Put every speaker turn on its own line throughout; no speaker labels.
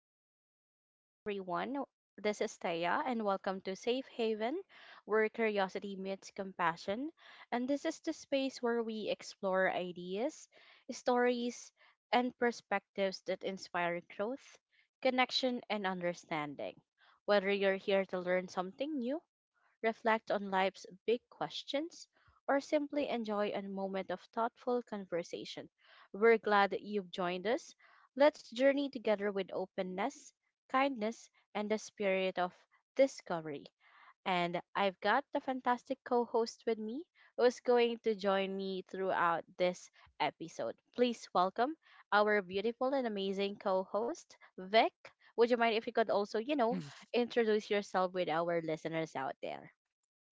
listeners. Hi, everyone. This is Taya, and welcome to Safe Haven, where curiosity meets compassion. And this is the space where we explore ideas, stories, and perspectives that inspire growth, connection, and understanding. Whether you're here to learn something new, reflect on life's big questions, or simply enjoy a moment of thoughtful conversation. We're glad that you've joined us. Let's journey together with openness, kindness, and the spirit of discovery. And I've got the fantastic co host with me who's going to join me throughout this episode. Please welcome our beautiful and amazing co host, Vic. Would you mind if you could also, you know, introduce yourself with our listeners out there?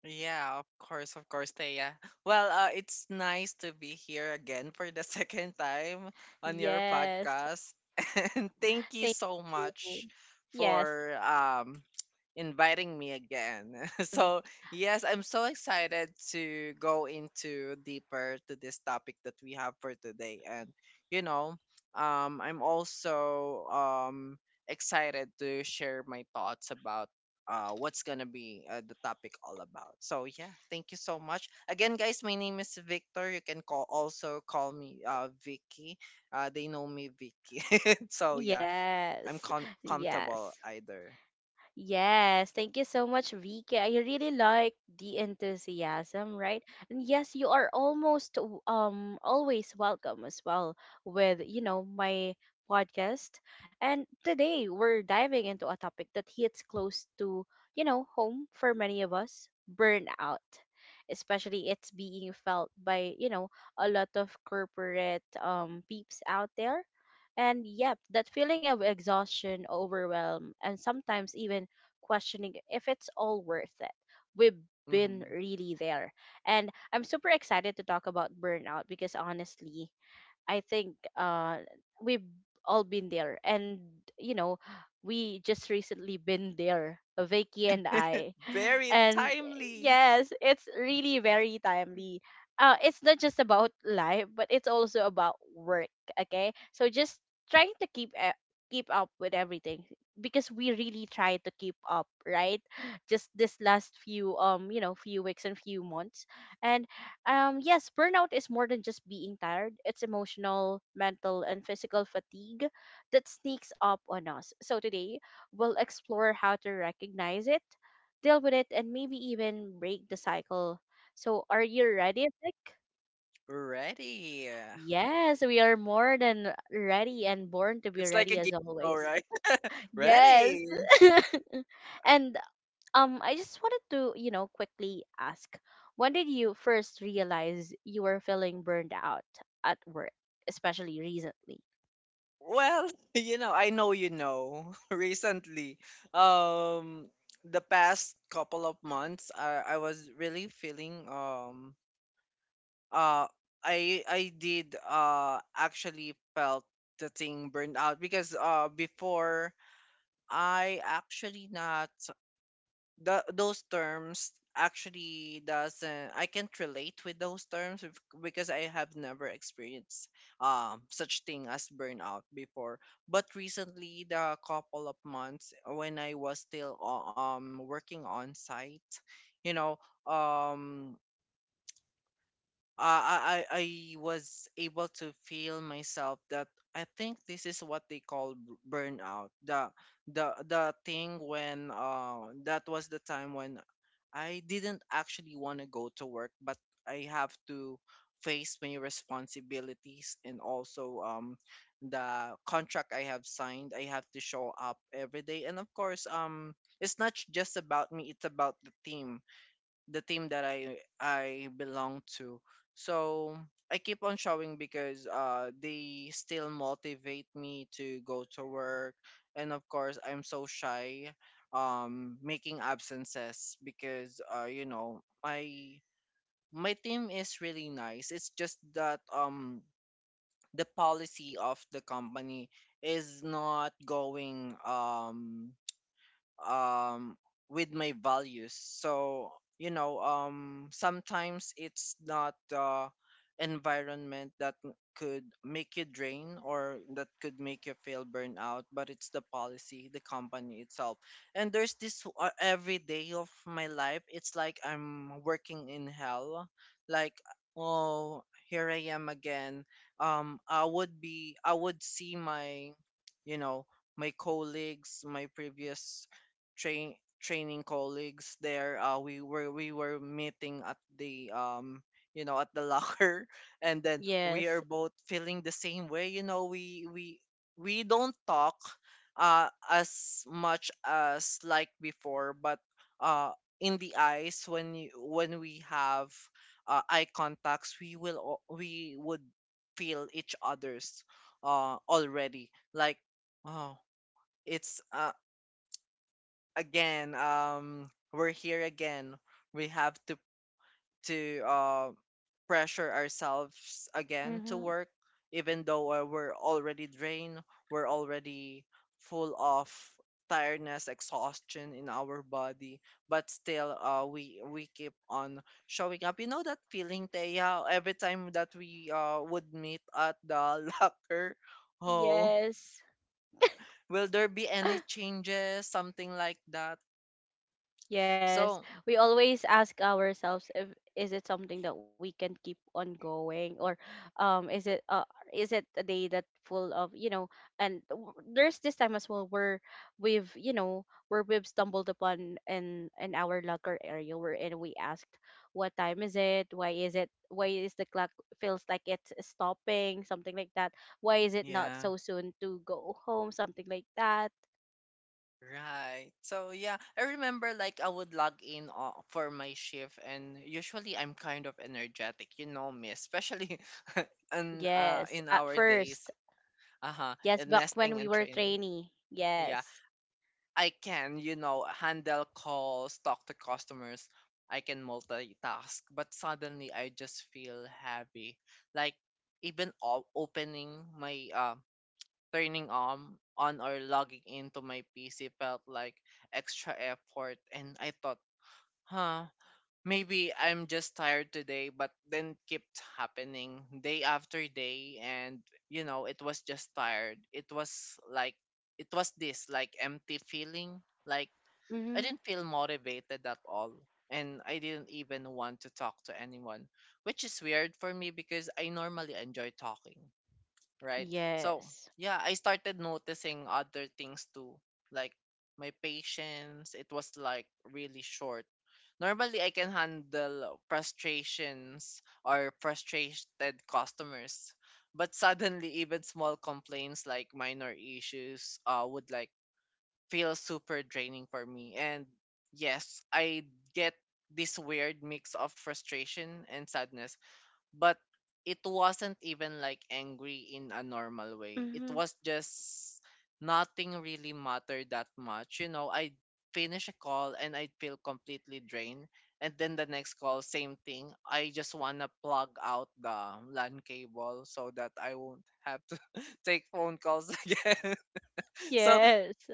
Yeah, of course, Thea. Well, it's nice to be here again for the second time on your
Yes.
podcast. And thank you
Thank
so
you.
much
Yes.
for inviting me again.
Mm.
Yes, I'm so excited to go into deeper to this topic that we have for today. You know, I'm also excited to share my thoughts about what's gonna be the topic all about. So yeah, thank you so much again, guys. My name is Victor. You can call also call me Vicky. They know me Vicky. So yeah, I'm
Yes.
comfortable
Yes.
either.
Yes, thank you so much, Vika. I really like the enthusiasm, right? And yes, you are almost always welcome as well with, you know, my podcast. And today we're diving into a topic that hits close to, you know, home for many of us, burnout. Especially it's being felt by, you know, a lot of corporate peeps out there. And yep, that feeling of exhaustion, overwhelm, and sometimes even questioning if it's all worth it. We've been
Hmm.
really there. And I'm super excited to talk about burnout because honestly, I think we've all been there. And, you know, we just recently been there, Vicky and I
Very
and
timely.
yes, it's really very timely. It's not just about life, but it's also about work. Okay, so just trying to keep keep up with everything because we really try to keep up, right? Just this last few few weeks and few months, and yes, burnout is more than just being tired. It's emotional, mental, and physical fatigue that sneaks up on us. So today we'll explore how to recognize it, deal with it, and maybe even break the cycle. So, are you ready, Vic?
Ready.
Yes, we are more than ready and born to be
It's like a
ready
game
as
show,
always.
right?
Yes.
Ready.
And I just wanted to, you know, quickly ask, when did you first realize you were feeling burned out at work, especially recently?
Well, you know, I know you know. Recently, um, the past couple of months, I was really feeling uh I did actually felt the thing burned out because before I actually not the those terms actually doesn't I can't relate with those terms because I have never experienced such thing as burnout before. But recently, the couple of months when I was still working on site, you know, um I was able to feel myself that I think this is what they call burnout. The thing when that was the time when I didn't actually want to go to work, but I have to face my responsibilities and also the contract I have signed. I have to show up every day, and of course, it's not just about me; it's about the team that I belong to. So I keep on showing because they still motivate me to go to work, and of course I'm so shy making absences because you know my team is really nice. It's just that the policy of the company is not going um with my values. So you know, sometimes it's not the environment that could make you drain or that could make you feel burnout, but it's the policy the company itself. And there's this every day of my life it's like I'm working in hell. Like, oh, here I am again. I would be I would see my, you know, my colleagues, my previous train training colleagues there. We were meeting at the you know at the locker, and then we are
Yes.
both feeling the same way, you know, we we don't talk as much as like before, but uh in the eyes when you when we have eye contacts we will we would feel each other's already, like, oh, it's again, we're here again. We have to to uh, pressure ourselves again to
Mm-hmm.
work, even though we're already drained. We're already full of tiredness, exhaustion in our body, but still, we keep on showing up. You know that feeling, Teya, every time that we would meet at the locker. Oh,
Yes.
will there be any changes, something like that?
Yes,
So,
we always ask ourselves, if is it something that we can keep on going, or um is it uh is it a day that full of, you know, and there's this time as well where we've, you know, where we've stumbled upon in our locker area wherein we asked, what time is it? Why is it? Why is the clock feels like it's stopping, something like that? Why is it not
yeah.
so soon to go home, something like that?
Right. So yeah, I remember like I would log in for my shift, and usually I'm kind of energetic, you know me, especially
Yes,
in
at
our days,
first.
uh-huh,
Yes,
in
back when
nesting
we
and
were
training.
trainee.
Yeah,
Yes.
I can, you know, handle calls, talk to customers. I can multitask, but suddenly I just feel heavy. Like even opening my turning on or logging into my PC felt like extra effort, and I thought, huh, maybe I'm just tired today, but then it kept happening day after day, and you know, it was just tired. It was like it was this like empty feeling, like I
Mm-hmm.
didn't feel motivated at all. And I didn't even want to talk to anyone, which is weird for me because I normally enjoy talking, right? So
Yes.
yeah, I started noticing other things too, like my patience, it was like really short. Normally, I can handle frustrations or frustrated customers, but suddenly, even small complaints like minor issues would like feel super draining for me. And yes, I get this weird mix of frustration and sadness, but it wasn't even like angry in a normal way. It
Mm-hmm.
was just nothing really mattered that much. You know, I'd finish a call and I'd feel completely drained. And then the next call, same thing. I just wanna plug out the LAN cable so that I won't have to take phone calls again. So
Yes.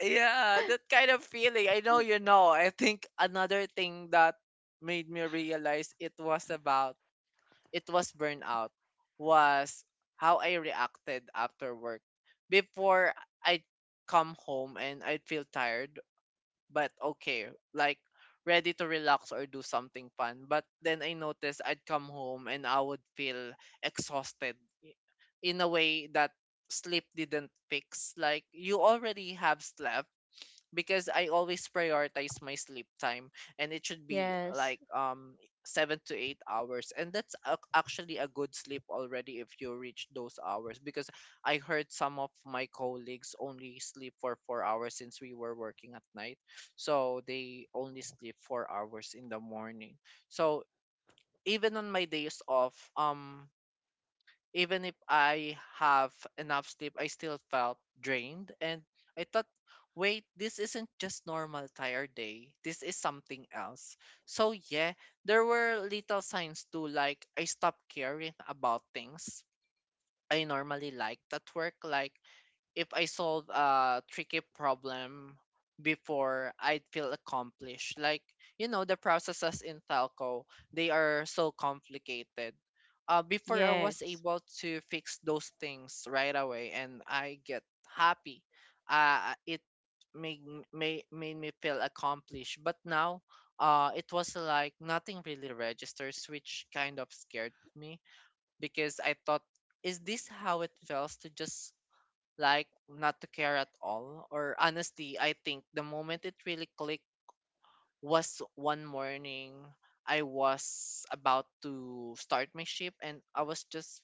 yeah, that kind of feeling. I know you know. I think another thing that made me realize it was about it was burnout was how I reacted after work. Before I'd come home and I'd feel tired, but okay, like ready to relax or do something fun. But then I noticed I'd come home and I would feel exhausted i- in a way that sleep didn't fix. Like you already have slept because I always prioritize my sleep time, and it should be
Yes.
like 7 to 8 hours, and that's actually a good sleep already if you reach those hours because I heard some of my colleagues only sleep for 4 hours since we were working at night, so they only sleep 4 hours in the morning. So even on my days off, even if I have enough sleep, I still felt drained. And I thought, wait, this isn't just normal tired day. This is something else. So yeah, there were little signs too, like I stopped caring about things I normally liked at work, like if I solve a tricky problem, before I'd feel accomplished. Like, you know, the processes in Talco, they are so complicated. Before I was
Yes.
able to fix those things right away and I get happy. Uh, it made, made, made me feel accomplished. But now, it was like nothing really registers, which kind of scared me because I thought, is this how it feels to just like not to care at all? Or honestly, I think the moment it really clicked was one morning I was about to start my shift and I was just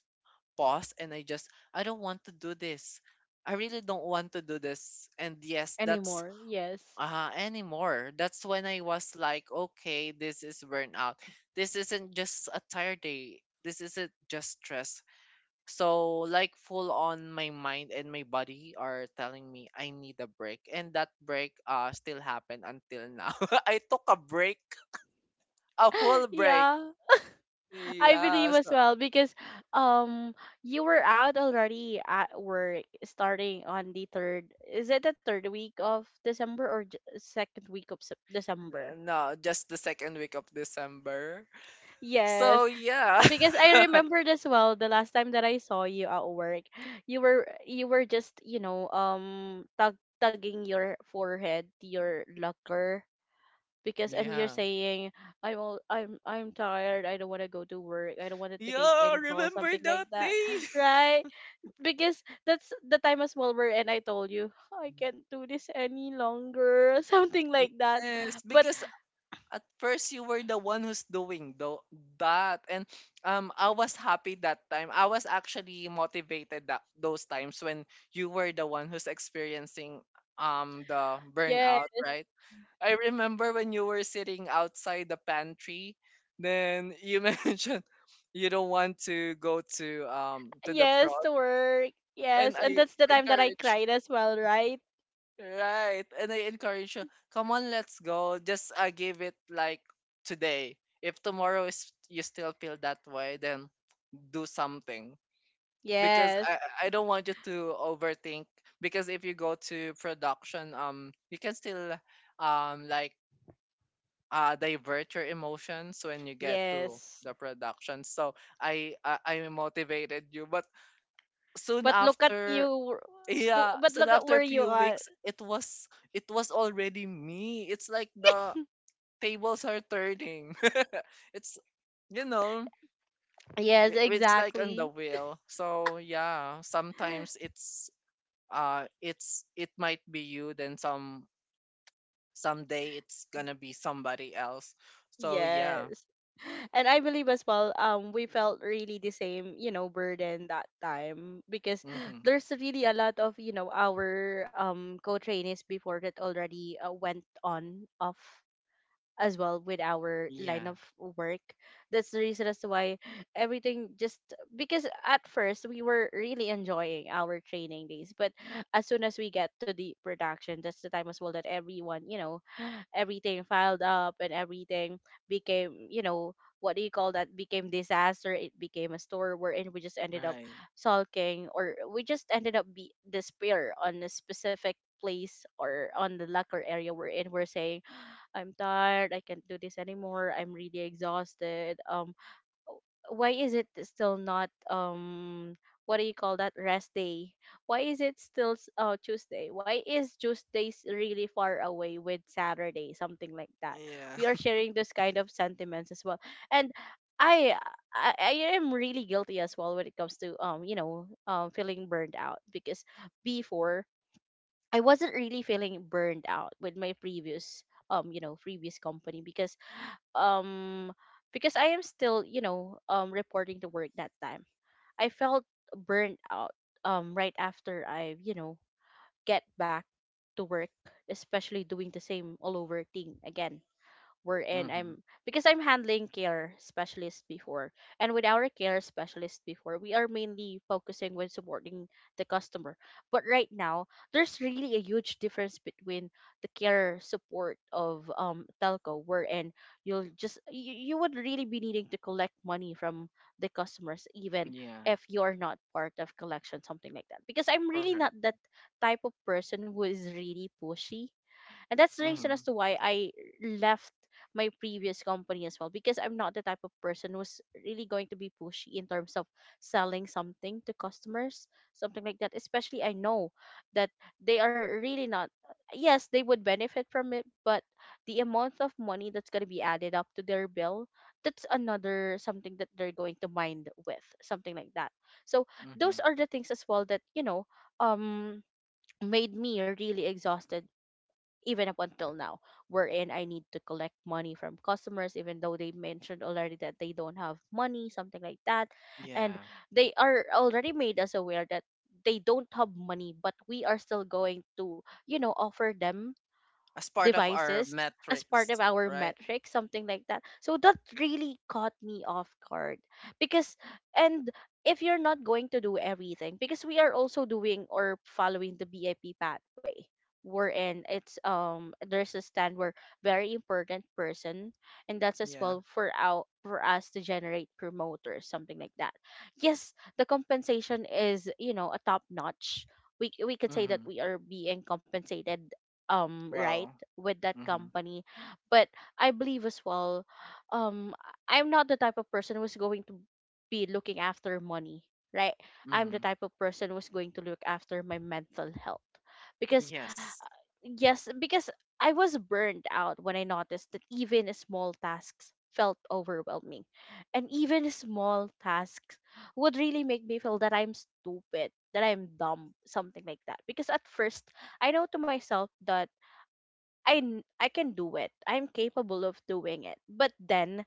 paused, and I just, I don't want to do this. I really don't want to do this. And yes, that's
Anymore. Yes.
anymore. That's when I was like, okay, this is burnout. This isn't just a tired day. This isn't just stress. So like full on my mind and my body are telling me I need a break, and that break still happened until now. I took a break, a full break.
Yeah. I believe
Yeah,
as
so
well because um you were out already at work starting on the third, is it the third week of December or second week of December?
no, just the second week of December. So
Yes,
yeah.
because I remembered as well the last time that I saw you at work, you were just, you know, tug, tugging your forehead, your locker, because and you're
Yeah.
saying, I'm all, I'm tired. I don't want to go to work. I don't want to take
Yeah,
in call,
remember
something
that
like that,
day?
right? Because that's the time as well where and I told you I can't do this any longer, something like that.
Yes,
But
because at first you were the one who's doing that, and I was happy that time. I was actually motivated that those times when you were the one who's experiencing the
yeah,
burnout, right? I remember when you were sitting outside the pantry, then you mentioned you don't want to go to the
yes,
prod
to work.
and
Yes, and
I
that's the time that I
encourage
cried as well, right?
Right. And I encourage you, come on, let's go. Just give it like today. If tomorrow is you still feel that way, then do something. Because
Yes,
I don't want you to overthink. Because if you go to production, you can still um like divert your emotions when you get to
yes.
the production. So I motivated you, but soon
But look at
after,
you.
yeah.
But
So
look at
after
where
a
you
few
are.
weeks it was already me. It's like the tables are turning. It's, you know,
Yes,
it's like on the
exactly.
wheel. So yeah, sometimes it's it might be you, then someday it's gonna be somebody else. So yeah.
Yes. And I believe as well, we felt really the same, you know, burden that time because
Mm-hmm.
there's really a lot of, you know, our co-trainees before that already went on off as well with our line
Yeah.
of work. That's the reason as to why everything just, because at first we were really enjoying our training days, but as soon as we get to the production, that's the time as well that everyone, you know, everything filed up and everything became, you know, what do you call that? Became disaster. It became a store wherein we just ended up
Right.
sulking, or we just ended up be despair on a specific place or on the locker area we're in. We're saying, I'm tired, I can't do this anymore, I'm really exhausted. Um, why is it still not um, what do you call that, rest day? Why is it still Tuesday? Why is Tuesdays really far away with Saturday? Something like that.
Yeah.
We are sharing this kind of sentiments as well. And I I am really guilty as well when it comes to you know feeling burned out because before I wasn't really feeling burned out with my previous you know previous company um because I am still, you know, reporting to work that time. I felt burned out right after I, you know, get back to work, especially doing the same all over thing again wherein
Mm-hmm.
I'm, because I'm handling care specialist before. And with our care specialist before, we are mainly focusing when supporting the customer. But right now, there's really a huge difference between the care support of telco, wherein you'll just you would really be needing to collect money from the customers, even
Yeah.
if you're not part of collection, something like that, because I'm really not
Correct.
that type of person who is really pushy. And that's the reason as
Mm-hmm.
to why I left my previous company as well, because I'm not the type of person who's really going to be pushy in terms of selling something to customers, something like that. Especially I know that they are really not, yes, they would benefit from it, but the amount of money that's going to be added up to their bill, that's another something that they're going to mind with, something like that. So those
Mm-hmm.
are the things as well that, you know, um made me really exhausted even up until now, wherein I need to collect money from customers, even though they mentioned already that they don't have money, something like that. And
Yeah.
they are already made us aware that they don't have money, but we are still going to, you know, offer them
As part of our
devices as part of
metrics.
our
Right.
metrics, something like that. So that really caught me off guard because, and if you're not going to do everything, because we are also doing or following the BIP pathway, wherein it's there's a stand where very important person, and that's as
Yeah.
well for our for us to generate promoters, something like that. Yes, the compensation is, you know, a top notch. We could say that
Mm-hmm.
we are being compensated right
Well.
with that
Mm-hmm.
company. But I believe as well, um, I am not the type of person who's going to be looking after money, right? I'm the
Mm-hmm.
type of person who's going to look after my mental health. Because,
Yes.
yes, because I was burned out when I noticed that even small tasks felt overwhelming. And even small tasks would really make me feel that I'm stupid, that I'm dumb, something like that. Because at first, I know to myself that I can do it. I'm capable of doing it. But then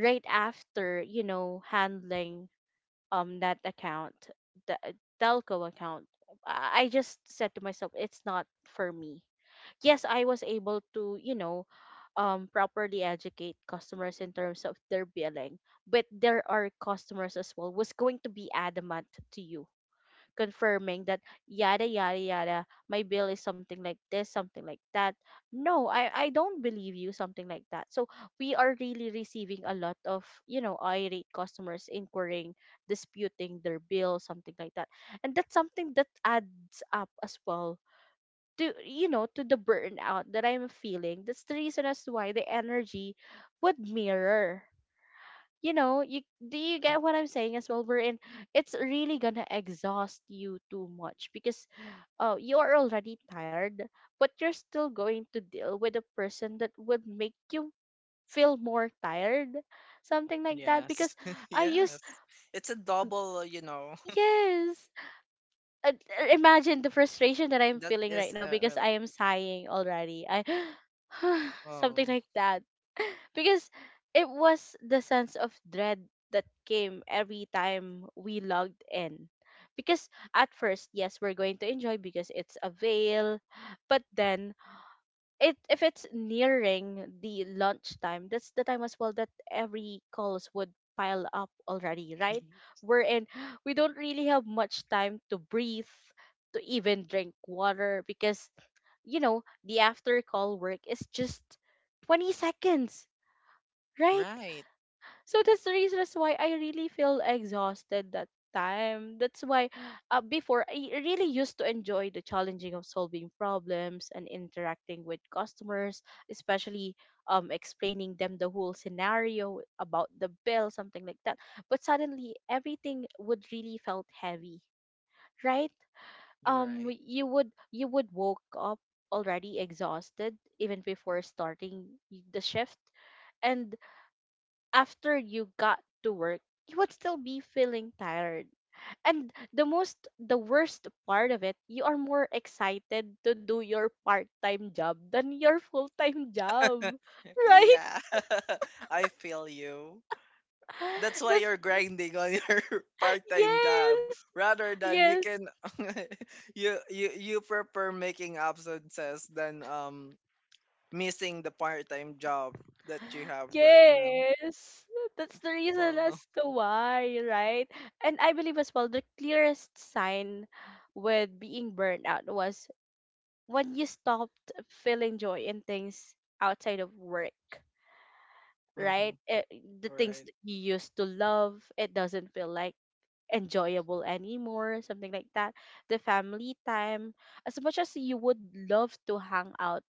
right after, you know, handling that account, the telco account, I just said to myself, it's not for me. Yes, I was able to, you know, properly educate customers in terms of their billing, but there are customers as well who's going to be adamant to you, confirming that, yada yada yada, my bill is something like this, something like that, no, I don't believe you, something like that. So we are really receiving a lot of, you know, irate customers inquiring, disputing their bill, something like that. And that's something that adds up as well to, you know, to the burnout that I'm feeling. That's the reason as to why the energy would mirror, you know, you, do you
Mm.
get what I'm saying as well, we're in it's really gonna exhaust you too much because you're already tired, but you're still going to deal with a person that would make you feel more tired, something like that,
Yes.
because I use.
Yes. It's a double. You know.
Yes. uh, Imagine the frustration that I'm
That
feeling right
is
now because
really.
I am sighing already, I something
Oh.
like that, because it was the sense of dread that came every time we logged in. Because at first, yes, we're going to enjoy because it's a veil, but then it, if it's nearing the lunchtime, that's the time as well that every calls would pile up already,
y-
right? We're in we don't really have much time to breathe, to even drink water because the after call work is just 20 seconds, right?
Right.
So that's the reason that's why I really feel exhausted that time. That's why before I really used to enjoy the challenging of solving problems and interacting with customers, especially explaining them the whole scenario about the bill, something like that. But suddenly everything would really felt heavy, right?
You're
Um
right.
you would you would woke up already exhausted even before starting the shift, and after you got to work, you would still be feeling tired. And the most, the worst part of it, you are more excited to do your part time job than your full time job. Right?
Yeah. I feel you. That's why
That's,
you're grinding on your part-time job
yes,
rather than you
yes,
can you prefer making absences than missing the part-time job that you have right now.
yes. That's the reason as
Wow.
to why, right? And I believe as well, the clearest sign with being burned out was when you stopped feeling joy in things outside of work,
Mm-hmm.
right? It, the things
Right.
that you used to love, it doesn't feel like enjoyable anymore, something like that. The family time, as much as you would love to hang out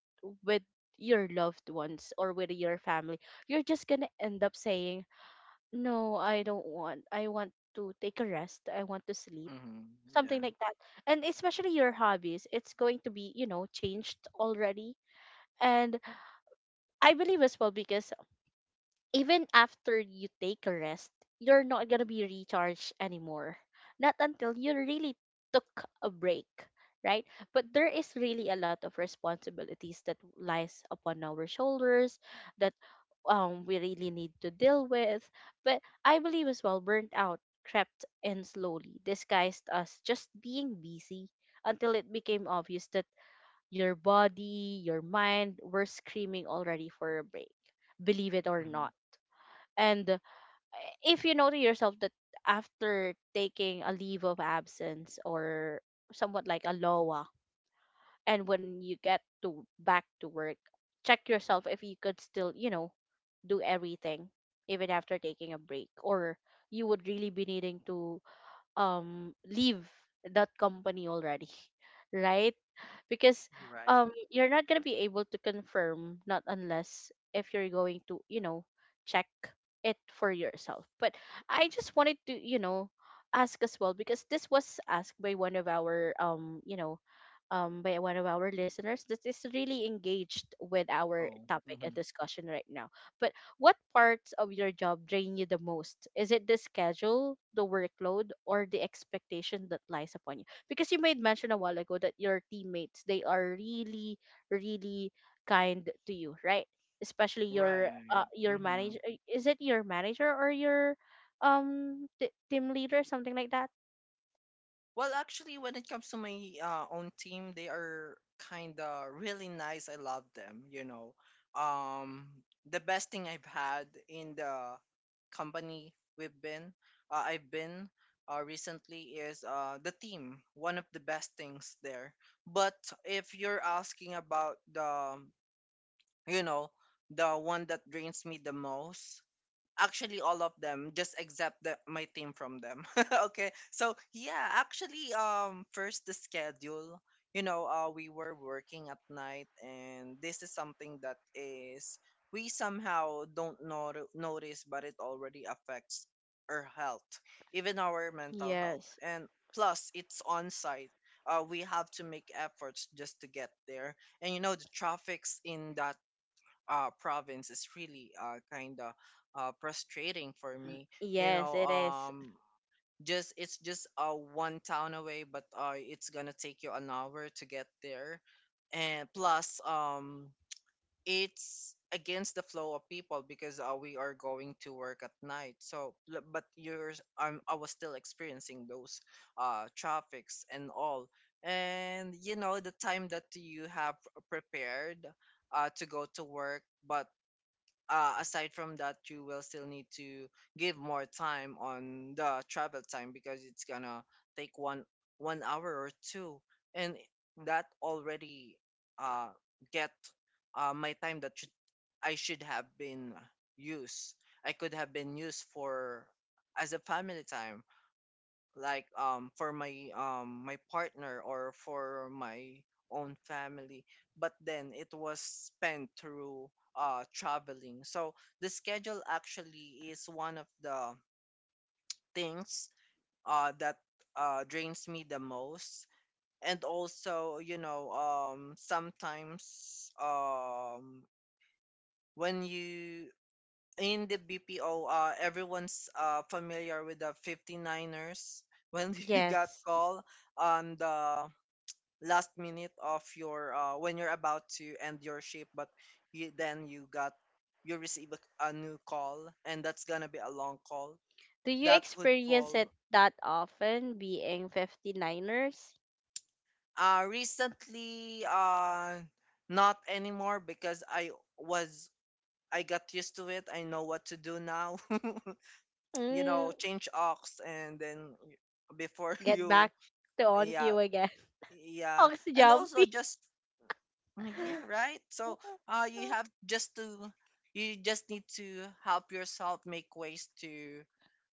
with your loved ones or with your family, you're just gonna end up saying, no, I don't want, I want to take a rest, I want to sleep.
Mm-hmm.
Something
Yeah.
like that. And especially your hobbies, it's going to be, changed already, and I believe as well because even after you take a rest, you're not gonna be recharged anymore. Not until you really took a break, right? But there is really a lot of responsibilities that lies upon our shoulders that we really need to deal with. But I believe as well burnt out crept in slowly, disguised as just being busy until it became obvious that your body, your mind were screaming already for a break, believe it or
Mm-hmm.
not. And if you know to yourself that after taking a leave of absence or somewhat like a LOA, and when you get to back to work, check yourself if you could still, do everything even after taking a break, or you would really be needing to leave that company already, right, because
Right.
you're not going to be able to confirm not unless if you're going to check it for yourself. But I just wanted to ask as well, because this was asked by one of our by one of our listeners that is really engaged with our
Oh.
topic
Mm-hmm.
and discussion right now. But what parts of your job drain you the most? Is it the schedule, the workload, or the expectation that lies upon you? Because you made mention a while ago that your teammates, they are really, really kind to you, right? Especially
Right.
your
Mm-hmm.
manager. Is it your manager or your team leader, something like that?
Well, actually, when it comes to my own team, they are kind of really nice. I love them. You know, um, the best thing I've had in the company we've been, I've been recently is the team. One of the best things there. But if you're asking about the, you know, the one that drains me the most. Actually, all of them, just except the, my team from them. Okay, so yeah, actually, first the schedule. We were working at night, and this is something that is we somehow don't notice, but it already affects our health, even our mental
Yes.
health. And plus, it's on site. We have to make efforts just to get there, and you know the traffic's in that province is really kind of frustrating for me. You
Yes, it
know,
is.
um, just it's just one town away, but it's gonna take you an hour to get there, and plus, it's against the flow of people because we are going to work at night. So, but yours, I was still experiencing those traffics and all. And you know the time that you have prepared to go to work, but aside from that you will still need to give more time on the travel time because it's gonna take one hour or two, and that already uh get my time that should I should have been used I could have been used for as a family time, like for my my partner or for my own family. But then it was spent through traveling. So the schedule actually is one of the things that drains me the most. And also, you know, sometimes, when you in the BPO, everyone's familiar with the 59ers, when you got
Yes.
call on the last minute of your when you're about to end your shift, but then you receive a new call, and that's gonna be a long call.
Do you
That would
experience it
fall.
that often being Fifty Niners?
Recently, not anymore, because was I got used to it. I know what to do now. You
Mm.
know, change ox and then before
Get
you,
back to on
yeah,
cue again.
yeah.
Ox
And also
jumpy.
just yeah, right. So you have just to you just need to help yourself, make ways to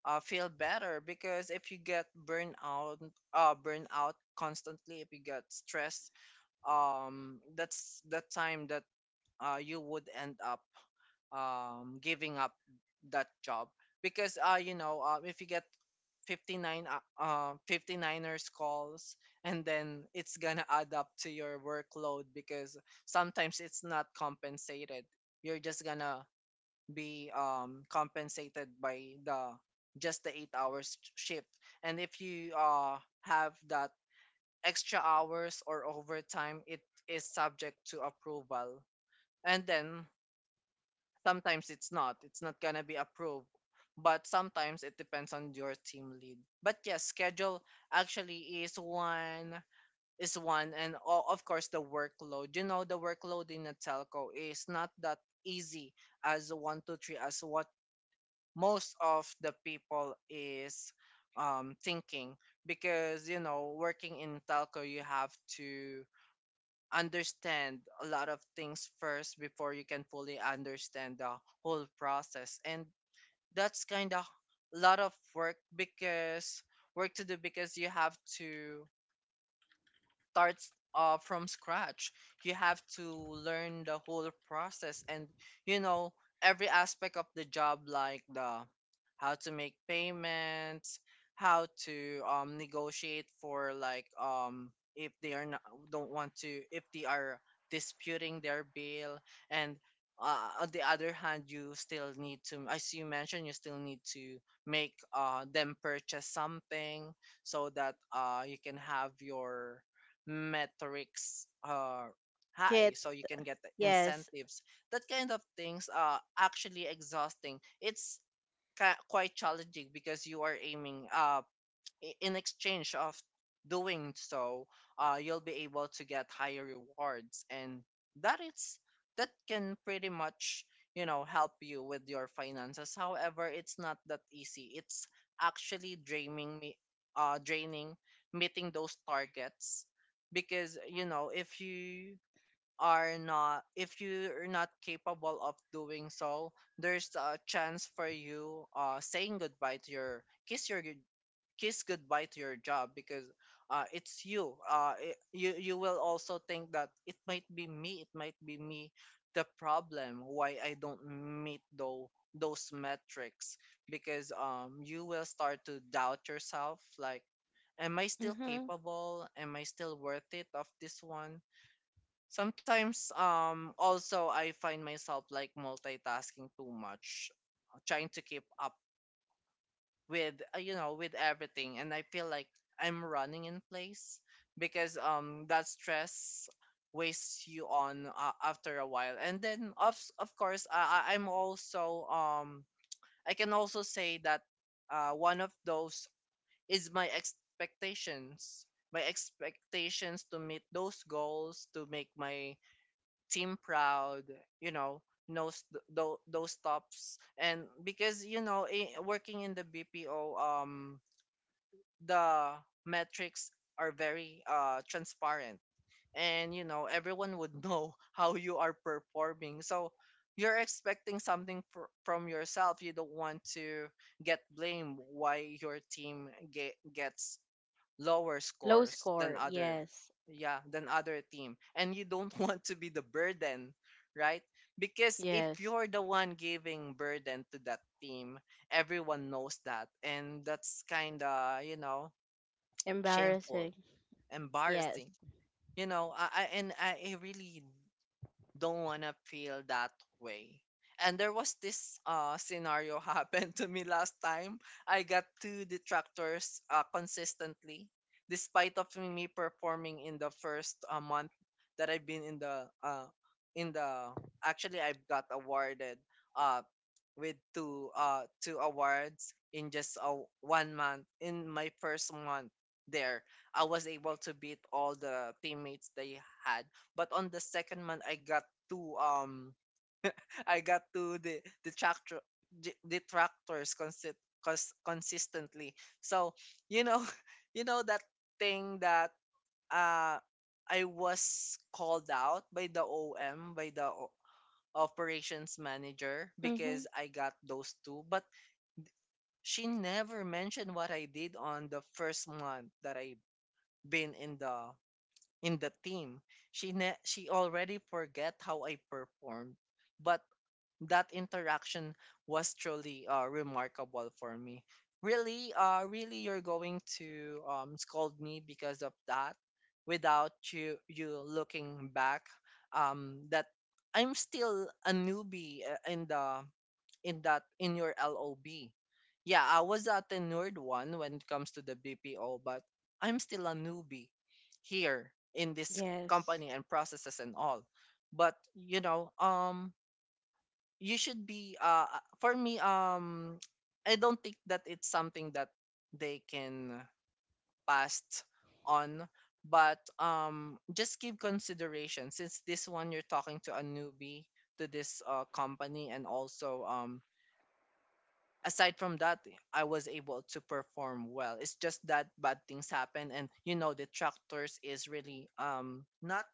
feel better, because if you get burnout constantly, if you get stressed, that's the time that you would end up giving up that job. Because if you get 59 59ers calls, and then it's gonna add up to your workload, because sometimes it's not compensated. You're just gonna be compensated by the just the 8 hours shift. And if you have that extra hours or overtime, it is subject to approval, and then sometimes it's not, it's not gonna be approved. But sometimes it depends on your team lead. But yes, schedule actually is one and of course, the workload. You know, the workload in a telco is not that easy as one two three, as what most of the people is thinking. Because you know, working in telco, you have to understand a lot of things first before you can fully understand the whole process, and that's kind of a lot of work to do because you have to starts from scratch. You have to learn the whole process and, you know, every aspect of the job, like the how to make payments, how to negotiate for, like, if they are not, don't want to, if they are disputing their bill. And on the other hand, you still need to, as you mentioned, you still need to make them purchase something, so that you can have your metrics are high,
Hit.
so you can get the
Yes.
incentives. That kind of things are actually exhausting. It's quite challenging because you are aiming, in exchange of doing so, you'll be able to get higher rewards, and that is that can pretty much, you know, help you with your finances. However, it's not that easy. It's actually draining me, draining meeting those targets. Because you know, if you're not capable of doing so, there's a chance for you saying goodbye to your kiss goodbye to your job. Because it's you. You you will also think that it might be me. It might be me the problem why I don't meet though those metrics. Because you will start to doubt yourself, like, am I still
Mm-hmm.
capable? Am I still worth it of this one? Sometimes, also, I find myself like multitasking too much, trying to keep up with, you know, with everything. And I feel like I'm running in place, because that stress wastes you on after a while. And then, of course, I'm also I can also say that one of those is my expectations. My expectations to meet those goals, to make my team proud, you know, those those tops. And because you know, working in the BPO, the metrics are very transparent. And you know, everyone would know how you are performing, so you're expecting something from yourself. You don't want to get blamed why your team gets lower
Low
scores than
score.
other,
Yes.
yeah, than other team. And you don't want to be the burden, right? Because if
Yes.
you're the one giving burden to that team, everyone knows that, and that's kind of, you know, shameful,
Embarrassing. Yes.
embarrassing. You know, I and I I really don't wanna feel that way. And there was this scenario happened to me last time. I got 2 detractors consistently, despite of me performing in the first month that I've been in the in the actually I've got awarded uh with 2 awards in just a 1 month. In my 1st month there, I was able to beat all the teammates they had. But on the 2nd month, I got two I got two the detractors consistently. So, you know, you know that thing that uh I was called out by the OM, by the operations manager,
Mm-hmm.
because I got those two. But she never mentioned what I did on the 1st month that I been in the team. She already forget how I performed, but that interaction was truly remarkable for me. Really, really, you're going to scold me because of that, without you looking back. That I'm still a newbie in the in your LOB. Yeah, I was a tenured one when it comes to the BPO, but I'm still a newbie here in this
Yes.
company and processes and all. But you know, you should be for me, I don't think that it's something that they can pass on. But just give consideration since this one, you're talking to a newbie to this company. And also, aside from that, I was able to perform well. It's just that bad things happen, and you know, the tractors is really not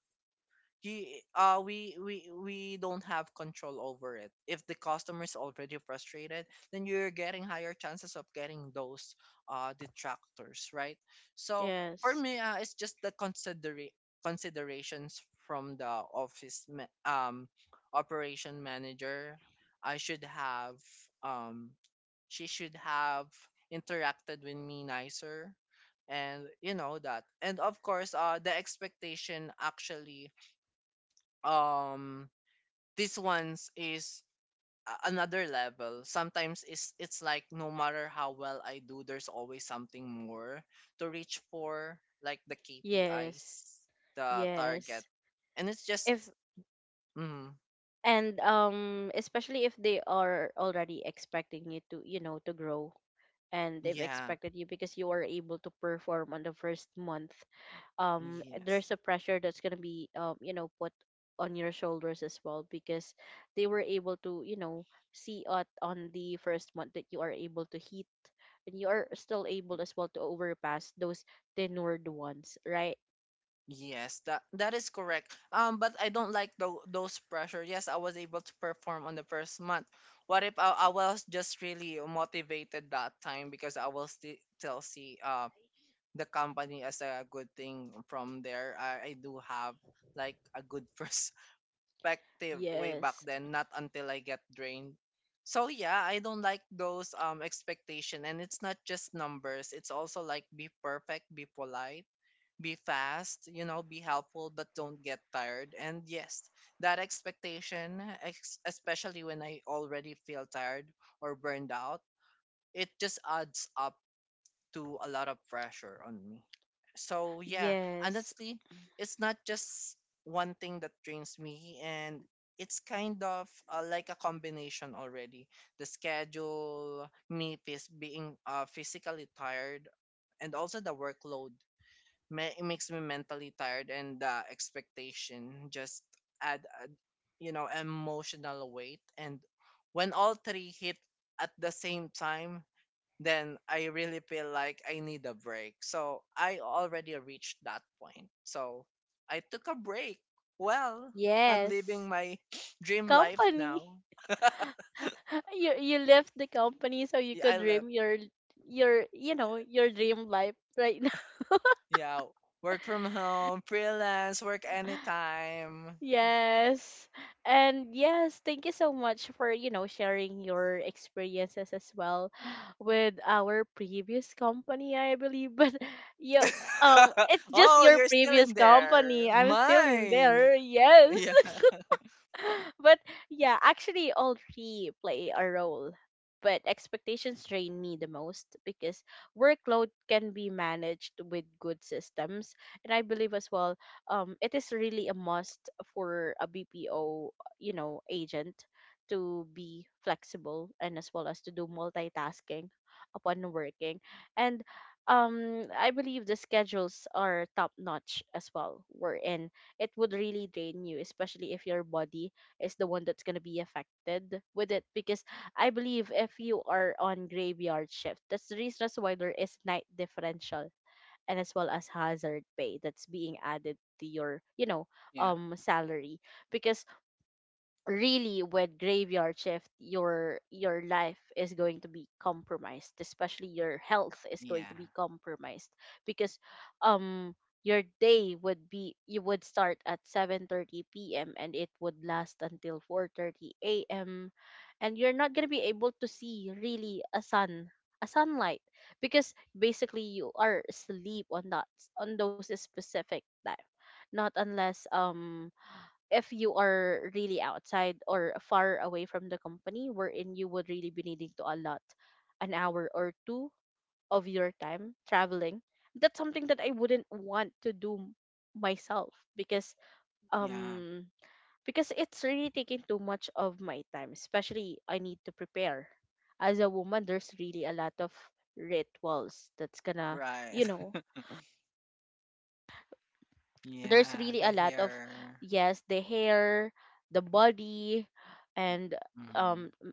he we don't have control over it. If the customer is already frustrated, then you're getting higher chances of getting those detractors, right? So, for
Yes.
me, it's just the considerations from the office ma- um operation manager. I should have um she should have interacted with me nicer. And you know that. And of course, the expectation, actually, um this ones is another level. Sometimes it's like, no matter how well I do, there's always something more to reach for, like the
Yes.
KPIs, the target.
Yes.
And it's just
If,
mm,
and especially if they are already expecting you to, to grow, and they've
yeah
expected you because you were able to perform on the first month,
yes
there's a pressure that's going to be put on your shoulders as well because they were able to see it on the first month that you are able to hit, and you are still able as well to overpass those tenured ones, right?
yes that that is correct. But I don't like those pressure. Yes, I was able to perform on the 1st month. What if I, I was just really motivated that time, because I will still see. The company as a good thing from there. I do have like a good perspective way back
Yes,
then, not until I get drained. So yeah, I don't like those expectation. And it's not just numbers. It's also like, be perfect, be polite, be fast, you know, be helpful but don't get tired. And yes, that expectation, especially when I already feel tired or burned out, it just adds up to a lot of pressure on me. So yeah,
yes,
honestly, it's not just one thing that drains me, and it's kind of like a combination already. The schedule, me being physically tired, and also the workload it makes me mentally tired, and the expectation just add you know, emotional weight. And when all three hit at the same time, then I really feel like I need a break. So I already reached that point. So I took a break. Well, I'm living
yes.
my dream life
Company.
now.
You left the company so you
Yeah,
could
I live.
dream your, your dream life right now.
Yeah, work from home, freelance, work anytime.
Yes. And yes, thank you so much for, sharing your experiences as well with our previous company, I believe. But yeah, it's just
Oh,
your
you're still
previous
in there.
company. I'm still in
Mine.
there. Yes.
Yeah.
But yeah, actually, all three play a role. But expectations drain me the most because workload can be managed with good systems, and I believe as well, it is really a must for a BPO, agent to be flexible and as well as to do multitasking upon working, and I believe the schedules are top notch as well. Wherein it would really drain you, especially if your body is the one that's going to be affected with it, because I believe if you are on graveyard shift, that's the reason as why there is night differential and as well as hazard pay that's being added to your,
Yeah,
salary, because really with graveyard shift your life is going to be compromised, especially your health is going to
yeah,
be compromised, because um your day would be you would start at 7:30 p.m. and it would last until 4:30 a.m., and you're not going to be able to see really a sun a sunlight because basically you are asleep on that on those specific time, not unless if you are really outside or far away from the company, wherein you would really be needing to allot an hour or two of your time traveling. That's something that I wouldn't want to do myself because
yeah.
um because it's really taking too much of my time, especially I need to prepare. As a woman there's really a lot of rituals that's gonna,
Right.
you know there's
Yeah,
really
the
a lot of,
hair.
yes, the hair, the body, and
Mm,
um m-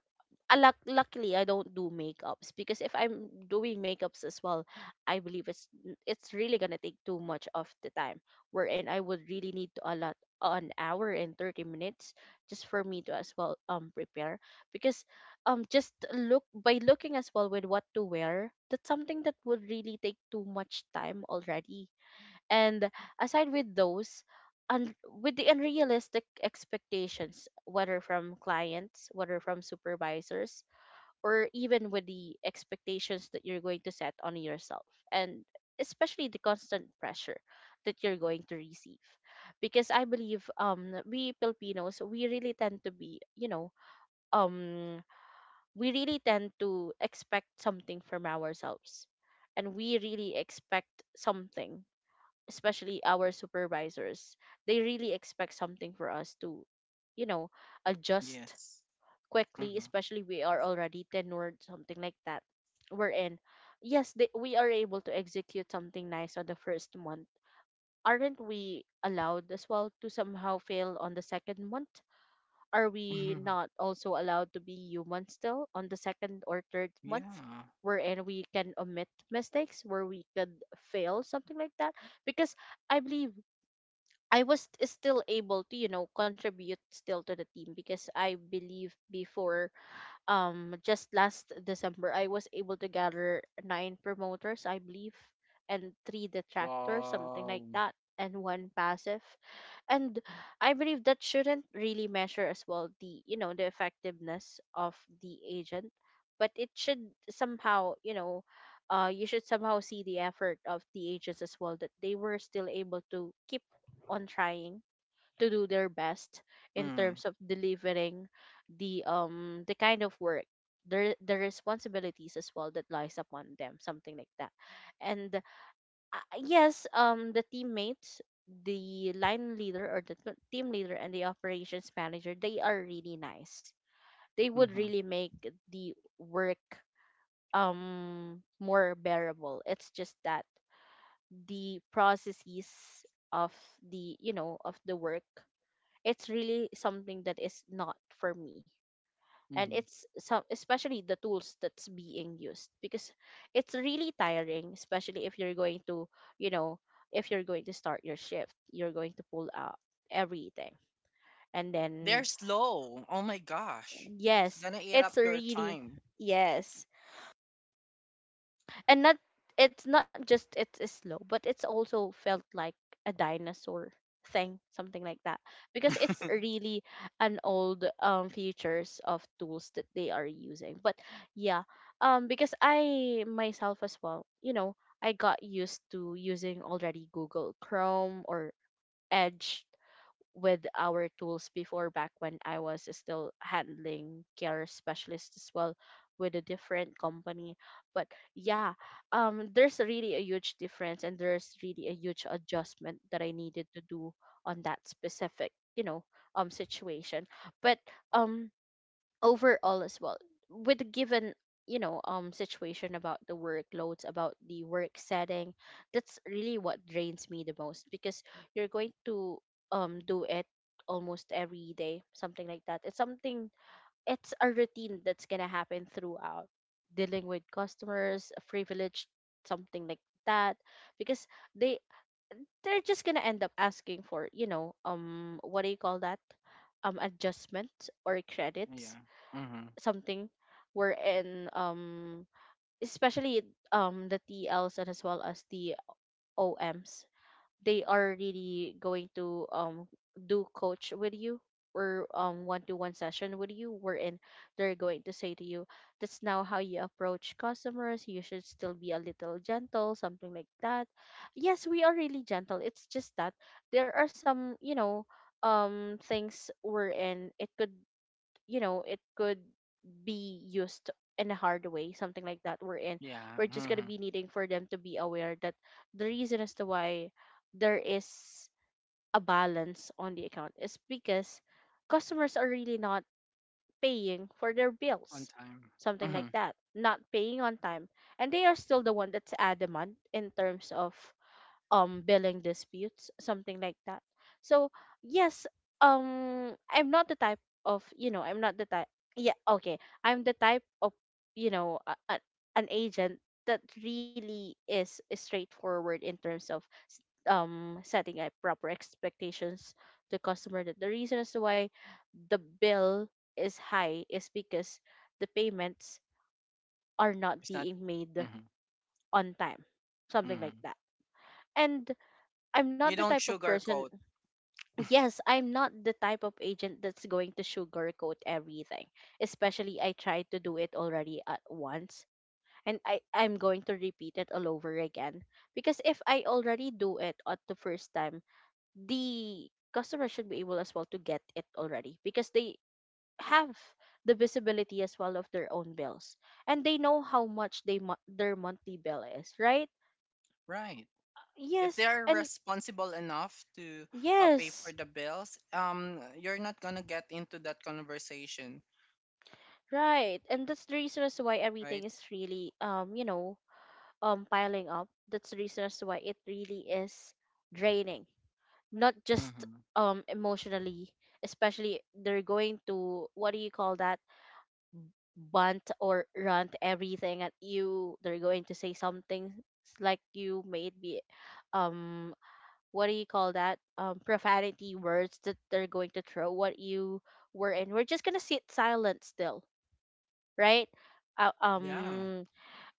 a luckily I don't do makeups, because if I'm doing makeups as well, I believe it's it's really gonna take too much of the time, wherein I would really need to allot an hour and 30 minutes just for me to as well prepare, because just look by looking as well with what to wear, that's something that would really take too much time already, and aside with those, with the unrealistic expectations, whether from clients, whether from supervisors, or even with the expectations that you're going to set on yourself, and especially the constant pressure that you're going to receive. Because I believe we Filipinos we really tend to be, um we really tend to expect something from ourselves, and we really expect something, especially our supervisors, they really expect something for us to, you know, adjust
yes.
quickly,
hmm
especially we are already tenured, something like that. We're in. Yes, they, we are able to execute something nice on the first month. Aren't we allowed as well to somehow fail on the second month? Are we not also allowed to be human still on the second or third month?
yeah.
Wherein we can omit mistakes, where we could fail, something like that. Because I believe I was still able to, contribute still to the team, because I believe before, just last December, I was able to gather 9 promoters, I believe, and 3 detractors, something
Wow.
like that, and one passive, and I believe that shouldn't really measure as well the, the effectiveness of the agent, but it should somehow, you should somehow see the effort of the agents as well, that they were still able to keep on trying to do their best in
Mm.
terms of delivering the kind of work, the responsibilities as well that lies upon them, something like that. And yes, the teammates, the line leader or the team leader and the operations manager, they are really nice. They would
Mm-hmm.
really make the work more bearable. It's just that the processes of the, of the work, it's really something that is not for me, and
Mm-hmm.
it's some, especially the tools that's being used, because it's really tiring, especially if you're going to, you know if you're going to start your shift you're going to pull out everything, and then
They're slow. Oh my gosh. It's
yes
gonna eat
it's
up your
really,
time.
yes, and not it's not just it's slow, but it's also felt like a dinosaur thing, something like that, because it's really an old features of tools that they are using. But yeah, because I myself as well, I got used to using already Google Chrome or Edge with our tools before back when I was still handling care specialist as well with a different company. But yeah, there's really a huge difference and there's really a huge adjustment that I needed to do on that specific, situation. But um overall as well, with the given situation about the workloads, about the work setting, that's really what drains me the most. Because you're going to do it almost every day, something like that. It's something, it's a routine that's gonna happen throughout, dealing with customers privilege, something like that. Because they they're just gonna end up asking for, you know, what do you call that, adjustment or credits,
yeah. Mm-hmm.
something wherein especially the TLs, and as well as the OMs, they are really going to do coach with you, or one to one session with you, wherein they're going to say to you, that's now how you approach customers, you should still be a little gentle, something like that. Yes, we are really gentle, it's just that there are some, you know, things wherein it could, you know, it could be used in a hard way, something like that, we're in.
Yeah.
We're just going to
Mm-hmm.
be needing for them to be aware that the reason as to why there is a balance on the account is because customers are really not paying for their
On
bills,
time.
something
Mm-hmm.
like that, not paying on time. And they are still the one that's adamant in terms of billing disputes, something like that. So yes, I'm not the type of, you know, I'm not the type, yeah, okay, I'm the type of, you know, an agent that really is straightforward in terms of s- setting up proper expectations to customer, that the reason as to why the bill is high is because the payments are not
It's not.
being made
Mm-hmm.
on time, something like
Mm-hmm.
that. And I'm not
You
the
don't
type of person.
sugarcoat.
Yes, I'm not the type of agent that's going to sugarcoat everything. Especially, I tried to do it already at once, and I'm going to repeat it all over again, because if I already do it at the first time, the customer should be able as well to get it already, because they have the visibility as well of their own bills, and they know how much their monthly bill is, right?
Right. If
Yes,
they are
and
responsible enough to pay for
yes.
the bills, you're not gonna get into that conversation,
Right, and that's the reason as to why everything
right?
is really, you know, piling up. That's the reason as to why it really is draining, not just
Mm-hmm.
emotionally. Especially, they're going to, what do you call that, bunt or rant everything at you. They're going to say something, like you may it be, um what do you call that, profanity words that they're going to throw at you, were in. We're just gonna sit silent still, right? Uh,
Yeah.
um,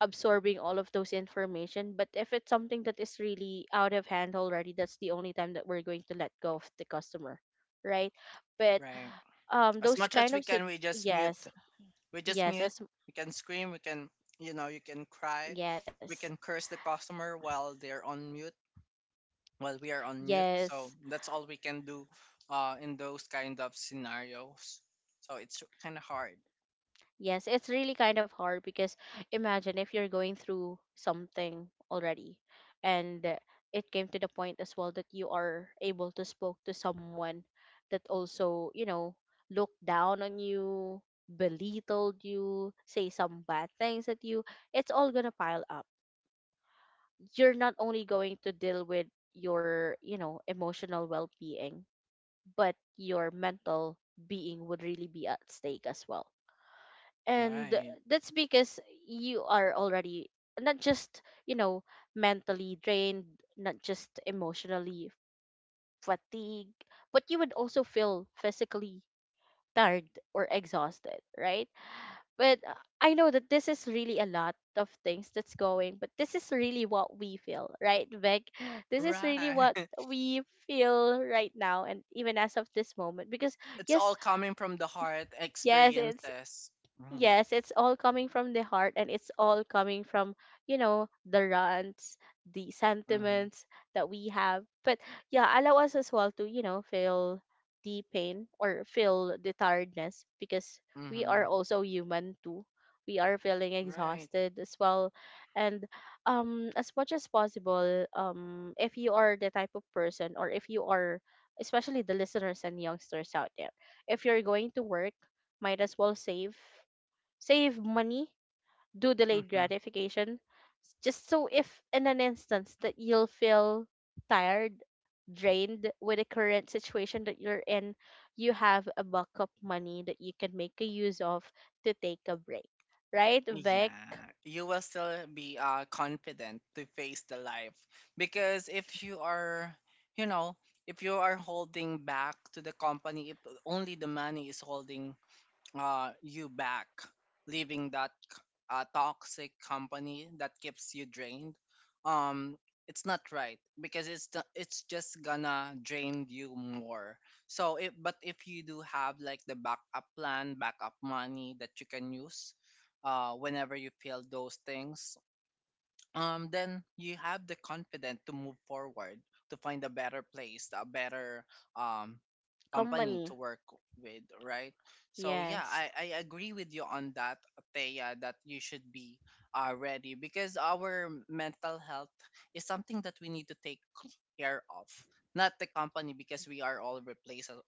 absorbing all of those information. But if it's something that is really out of hand already, that's the only time that we're going to let go of the customer, right? But
Right. As
those
much as
kind
we
of
can, we just mute.
yes,
We just
yes,
mute.
as
We can scream. We can, you know, you can cry.
yes,
We can curse the customer while they're on mute, while we are on mute.
yes.
So that's all we can do in those kind of scenarios. So it's kind of hard.
Yes, it's really kind of hard, because imagine if you're going through something already, and it came to the point as well that you are able to spoke to someone that also, you know, looked down on you, belittled you, say some bad things at you, it's all gonna pile up. You're not only going to deal with your, you know, emotional well being, but your mental being would really be at stake as well. And
Right.
that's because you are already not just, you know, mentally drained, not just emotionally fatigued, but you would also feel physically tired or exhausted, right? But I know that this is really a lot of things that's going, but this is really what we feel, right Vic? This is really
Right.
what we feel right now, and even as of this moment, because
It's
yes,
all coming from the heart
yes, it's,
experiences. Mm-hmm.
yes, it's all coming from the heart, and it's all coming from, you know, the rants, the
Mm-hmm.
sentiments that we have. But yeah, allow us as well to, you know, feel the pain or feel the tiredness, because
Mm-hmm.
we
Mm-hmm.
are also human too. We are feeling
Right.
exhausted as well. And as much as possible, if you are the type of person, or if you are, especially the listeners and youngsters out there, if you're going to work, might as well save, money, do delayed
Mm-hmm.
gratification, just so if in an instance that you'll feel tired, drained with the current situation that you're in, you have a backup money that you can make a use of to take a break. Right, Vic?
Yeah, you will still be confident to face the life because if you are, you know, if you are holding back to the company, if only the money is holding you back, leaving that toxic company that keeps you drained. Um, it's not right because it's just gonna drain you more. So, if you do have like the backup plan, backup money that you can use, whenever you feel those things, then you have the confidence to move forward to find a better place, a better um, company
Company.
to work with, right? So yeah,
Yes.
I agree with you on that, Thea, that you should be ready because our mental health is something that we need to take care of, not the company because we are all replaceable.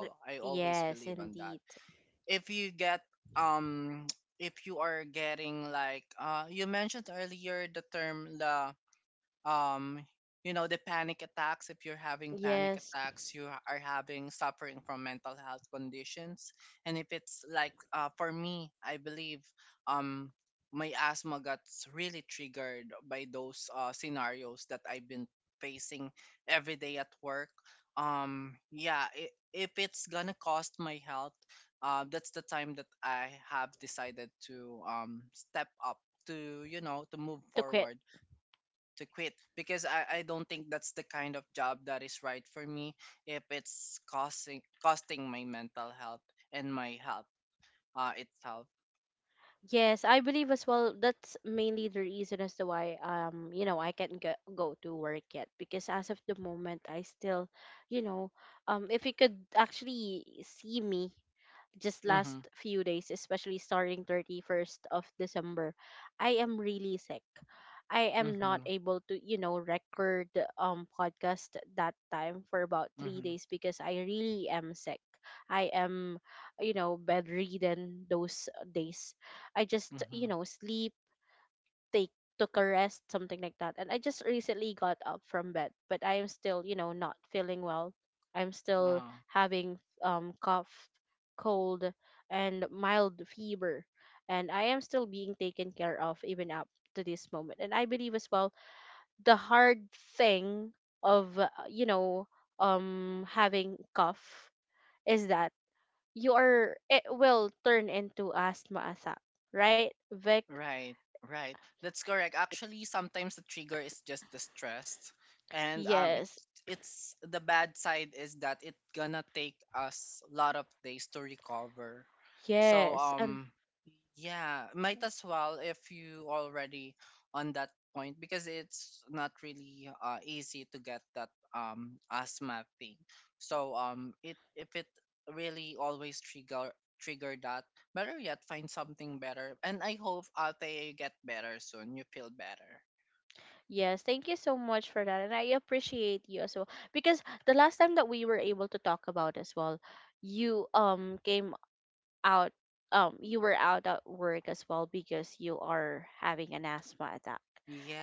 Th-
I always
Yes,
believe on that
indeed.
if you get um if you are getting like you mentioned earlier the um the panic attacks. If you're having panic
Yes,
attacks, you are having suffering from mental health conditions. And if it's like for me I believe um my asthma got really triggered by those scenarios that I've been facing every day at work. Yeah, I if it's gonna cost my health, that's the time that I have decided to step up to to move
to quit.
forward to quit because I don't think that's the kind of job that is right for me if it's costing my mental health and my health itself.
Yes, I believe as well. That's mainly the reason as to why, you know, I can't go to work yet, because as of the moment I still, you know, if you could actually see me just
Mhm.
last few days, especially starting 31st of December, I am really sick. I am not
Mhm.
able to, you know, record podcast that time for about 3
Mhm.
days because I really am sick. I am, you know, bedridden those days. I just, you
Mhm.
know, sleep, take took a rest, something like that. And I just recently got up from bed, but I am still, you know, not feeling well. I'm still
Uh-huh.
having cough, cold, and mild fever, and I am still being taken care of even up to this moment. And I believe as well, the hard thing of, you know, having cough, is that you are, it will turn into asthma attack, right, Vic?
Right, right. That's correct. Actually, sometimes the trigger is just the stress, and
Yes,
it's the bad side is that it gonna take us a lot of days to recover. So
yes, and
yeah, might as well if you already on that point because it's not really easy to get that asthma thing. So it if it really always trigger that. Better yet, find something better. And I hope Ate you get better soon. You feel better.
yes. Thank you so much for that. And I appreciate you as well. Because the last time that we were able to talk about as well, you came out, you were out at work as well, because you are having an asthma attack.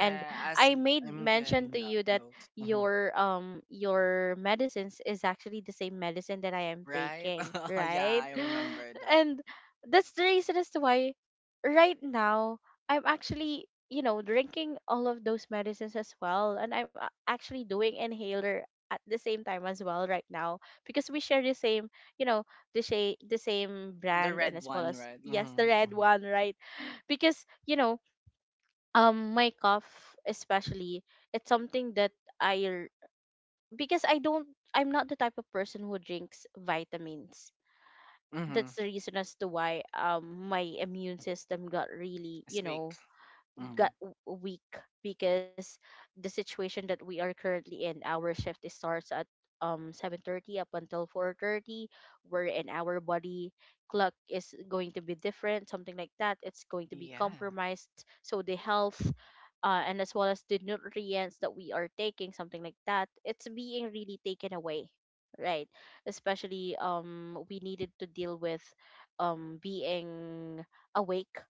And
as
I made
I'm
mention to
getting that
you that
those. Mhm.
your medicines is actually the same medicine that I am
Right?
taking,
yeah,
right?
I remember that.
And that's the reason as to why right now I'm actually, you know, drinking all of those medicines as well, and I'm actually doing inhaler at the same time as well right now, because we share the same, you know, the same,
The
brand, and
red
as well
one,
as,
right?
yes, the
Mm-hmm.
red
Mm-hmm.
one, right? Because, you know, my cough especially, it's something that i r- because I don't, I'm not the type of person who drinks vitamins,
Mm-hmm.
that's the reason as to why my immune system got really,
It's
you
weak.
know,
Mm-hmm.
got weak, because the situation that we are currently in, our shift is starts at 7:30 up until 4:30, wherein our body clock is going to be different, something like that. It's going to be
Yeah.
compromised, so the health. And as well as the nutrients that we are taking, something like that, it's being really taken away, right? Especially we needed to deal with being awake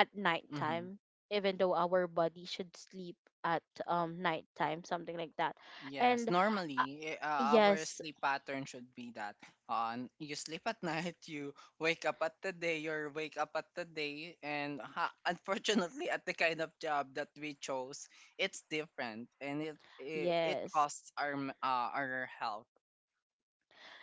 at
Mm-hmm.
nighttime, even though our body should sleep at nighttime, something like that.
Yes,
And uh,
normally our
yes,
sleep pattern should be that on you sleep at night, you wake up at the day, you wake up at the day, and unfortunately, at the kind of job that we chose, it's different, and it
yes,
costs our our health.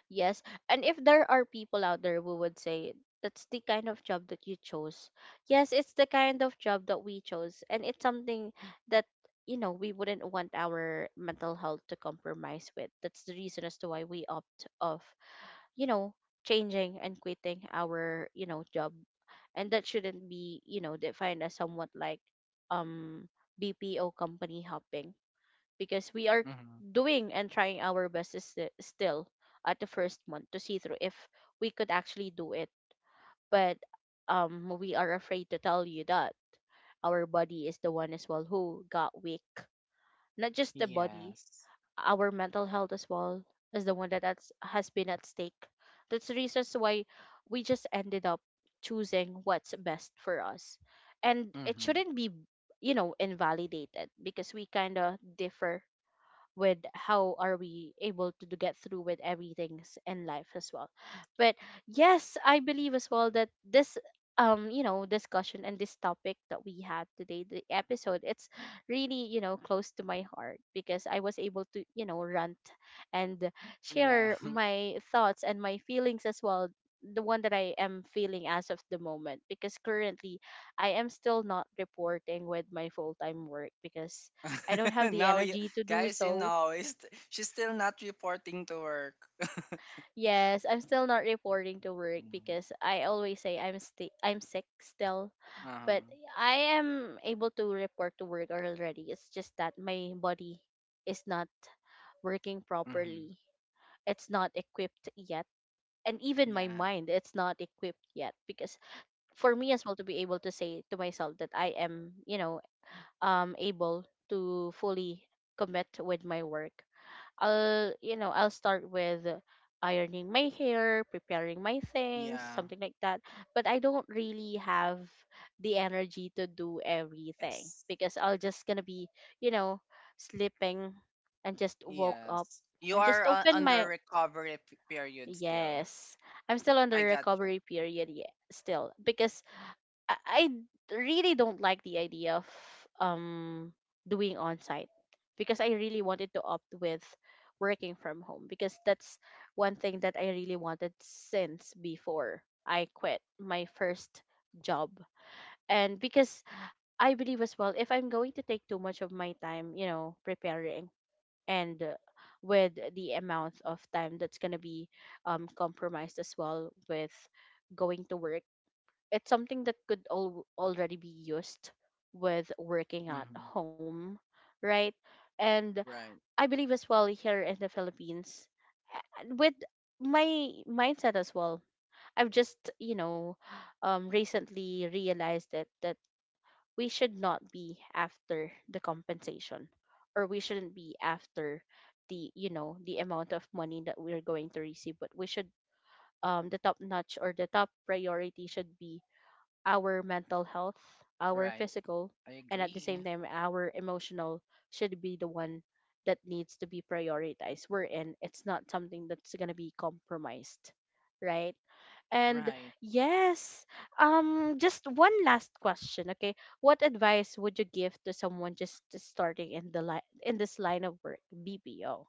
yes. And if there are people out there who would say that's the kind of job that you chose. Yes, it's the kind of job that we chose, and it's something that, you know, we wouldn't want our mental health to compromise with. That's the reason as to why we opt off, you know, changing and quitting our, you know, job. And that shouldn't be, you know, defined as somewhat like um BPO company hopping, because we are
hmm
doing and trying our best is still at the first month to see through if we could actually do it. But we are afraid to tell you that our body is the one as well who got weak. Not just the body,
Yes.
our mental health as well as the one that's has been at stake. That's the reasons why we just ended up choosing what's best for us. And it
Mm-hmm.
shouldn't be, you know, invalidated, because we kind of differ with how are we able to get through with everything in life as well. But yes, I believe as well that this, you know, discussion and this topic that we had today, the episode, it's really, you know, close to my heart, because I was able to, you know, rant and
Yeah.
share my thoughts and my feelings as well, the one that I am feeling as of the moment. Because currently, I am still not reporting with my full-time work, because I don't have the
You,
energy to do
guys, you
so.
know, is she's still not reporting to work.
Yes, I'm still not reporting to work
Mm.
because I always say I'm I'm sick still,
Uh-huh.
but I am able to report to work already. It's just that my body is not working
Mm-hmm.
properly. It's not equipped yet. And even my
Yeah.
mind, it's not equipped yet, because for me as well to be able to say to myself that I am, you know, able to fully commit with my work. I'll, you know, I'll start with ironing my hair, preparing my things,
Yeah.
something like that. But I don't really have the energy to do everything,
Yes.
because I'll just gonna be, you know, sleeping and just woke up
Yes. You
and
are
just open
under
my,
recovery period still.
yes. I'm still on the
I got you.
recovery period yet still because I really don't like the idea of um doing on site because I really wanted to opt with working from home because that's one thing that I really wanted since before I quit my first job. And because I believe as well, if I'm going to take too much of my time, you know, preparing and with the amount of time that's going to be compromised as well with going to work, it's something that could already be used with working at
hmm
home, right? And
Right.
I believe as well, here in the Philippines, with my mindset as well, I've just recently realized that we should not be after the compensation, or we shouldn't be after, the you know, the amount of money that we're going to receive, but we should, um, the top notch or the top priority should be our mental health, our
Right.
physical,
I
and at the
agree.
same time, our emotional should be the one that needs to be prioritized. We're in, it's not something that's going to be compromised, right? And
Right.
yes, just one last question, okay? What advice would you give to someone just starting in this line of work, BPO?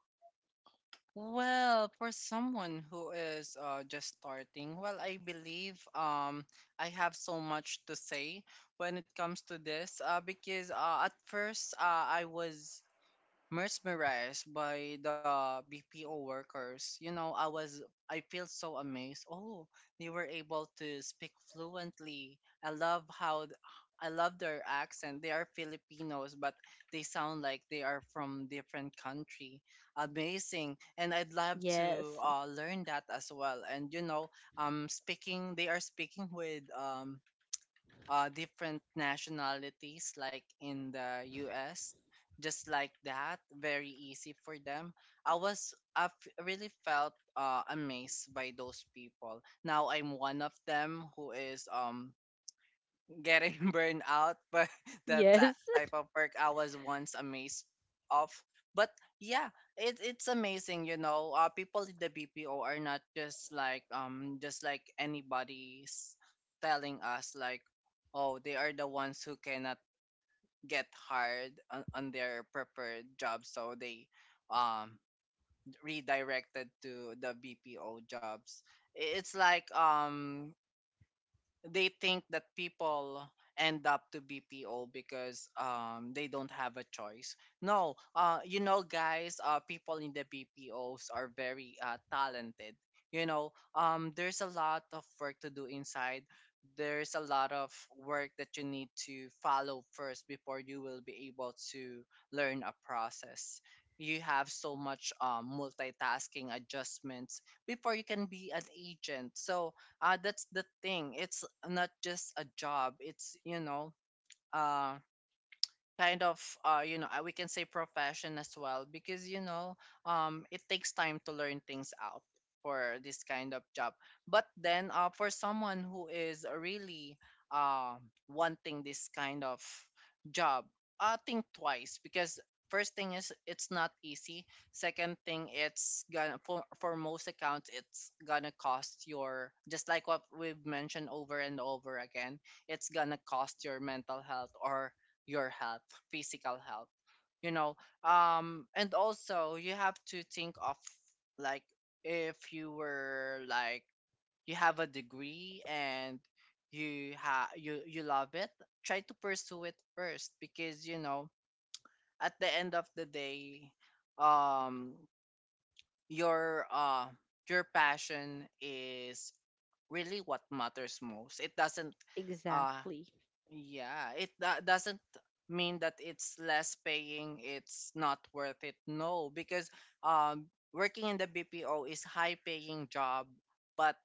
Well, for someone who is just starting, well, I believe I have so much to say when it comes to this because at first I was mesmerized by the BPO workers. I feel so amazed. Oh, they were able to speak fluently. I love their accent. They are Filipinos, but they sound like they are from different country. Amazing, and I'd love to
Yes,
learn that as well. And speaking they are speaking with different nationalities, like in the US, just like that, very easy for them. Really felt amazed by those people. Now I'm one of them who is getting burned out by the
yes,
type of work I was once amazed of. But yeah, it's amazing, you know. People in the BPO are not just like just like anybody's telling us like, oh, they are the ones who cannot get hired on their preferred job, so they um redirected to the BPO jobs. It's like they think that people end up to BPO because they don't have a choice. No, you know guys, people in the BPOs are very talented. You know, there's a lot of work to do inside. There's a lot of work that you need to follow first before you will be able to learn a process. You have so much multitasking adjustments before you can be an agent. So that's the thing. It's not just a job, it's uh, kind of we can say profession as well because it takes time to learn things out for this kind of job. But then for someone who is really uh wanting this kind of job, think twice because first thing is it's not easy. Second thing, it's gonna for most accounts it's gonna cost your, just like what we've mentioned over and over again, it's gonna cost your mental health or your health, physical health. You know, and also you have to think of like if you were like you have a degree and you ha you you love it, try to pursue it first because you know at the end of the day, um, your uh your passion is really what matters most. It doesn't uh
exactly.
yeah, doesn't mean that it's less paying, it's not worth it. No, because working in the BPO is high paying job, but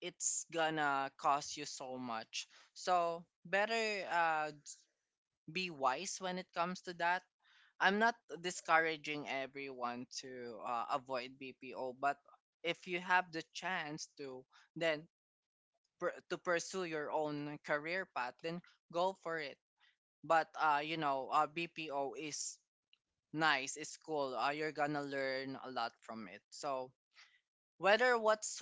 it's gonna cost you so much. So, better uh be wise when it comes to that. I'm not discouraging everyone to avoid BPO, but if you have the chance to, then to pursue your own career path, then go for it. But BPO is nice, it's cool. You're gonna learn a lot from it. So whether what's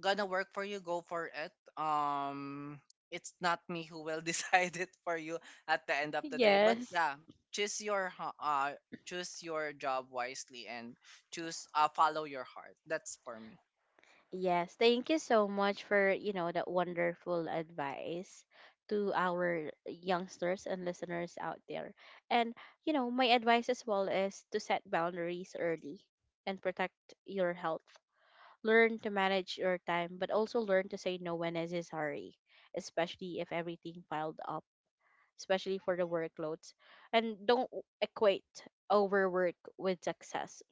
gonna work for you, go for it. um it's not me who will decide it for you at the end of the day, but
Yes.
yeah, choose your choose your job wisely and choose follow your heart. That's for me.
Yes, thank you so much for, you know, that wonderful advice to our youngsters and listeners out there. And, you know, my advice as well is to set boundaries early and protect your health. Learn to manage your time, but also learn to say no when necessary, especially if everything piled up, especially for the workloads. And don't equate overwork with success.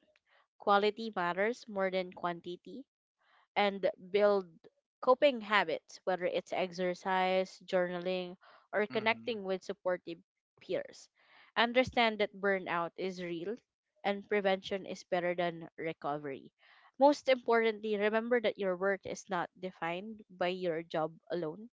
Quality matters more than quantity, and build coping habits, whether it's exercise, journaling, or
Mm-hmm.
connecting with supportive peers. Understand that burnout is real and prevention is better than recovery. Most importantly, remember that your worth is not defined by your job alone.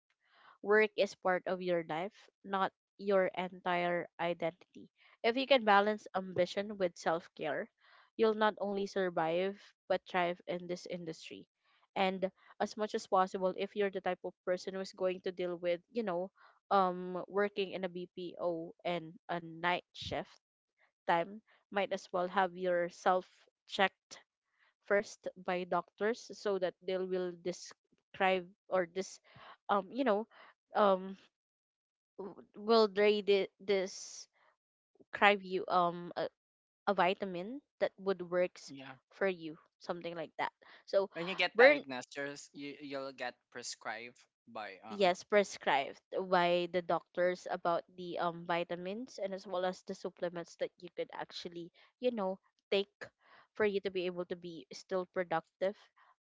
Work is part of your life, not your entire identity. If you can balance ambition with self care, you'll not only survive but thrive in this industry. And as much as possible, if you're the type of person who's going to deal with, you know, working in a BPO and a night shift time, might as well have yourself checked first by doctors so that they will describe, or this, you know um w- will they thi- this prescribe you a vitamin that would works
Yeah,
for you, something like that. So
when you get
burn,
diagnosed you you'll get prescribed by
yes, prescribed by the doctors about the vitamins, and as well as the supplements that you could actually, you know, take, for you to be able to be still productive.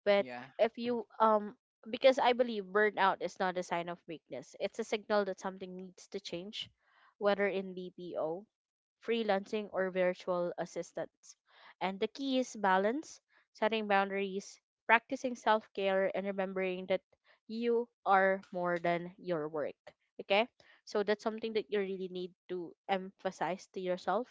But
yeah.
if you, because I believe burnout is not a sign of weakness, it's a signal that something needs to change, whether in BPO, freelancing, or virtual assistants. And the key is balance, setting boundaries, practicing self care, and remembering that you are more than your work. Okay? So that's something that you really need to emphasize to yourself.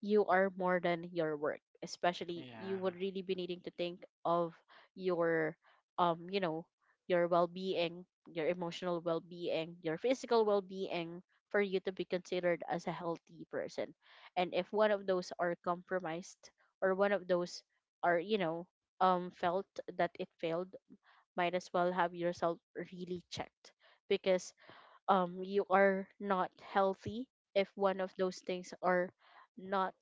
You are more than your work, especially
Yeah.
you would really be needing to think of your, um you know your well-being, your emotional well-being, your physical well-being, for you to be considered as a healthy person. And if one of those are compromised, or one of those are, you know, felt that it failed, might as well have yourself really checked, because, you are not healthy if one of those things are not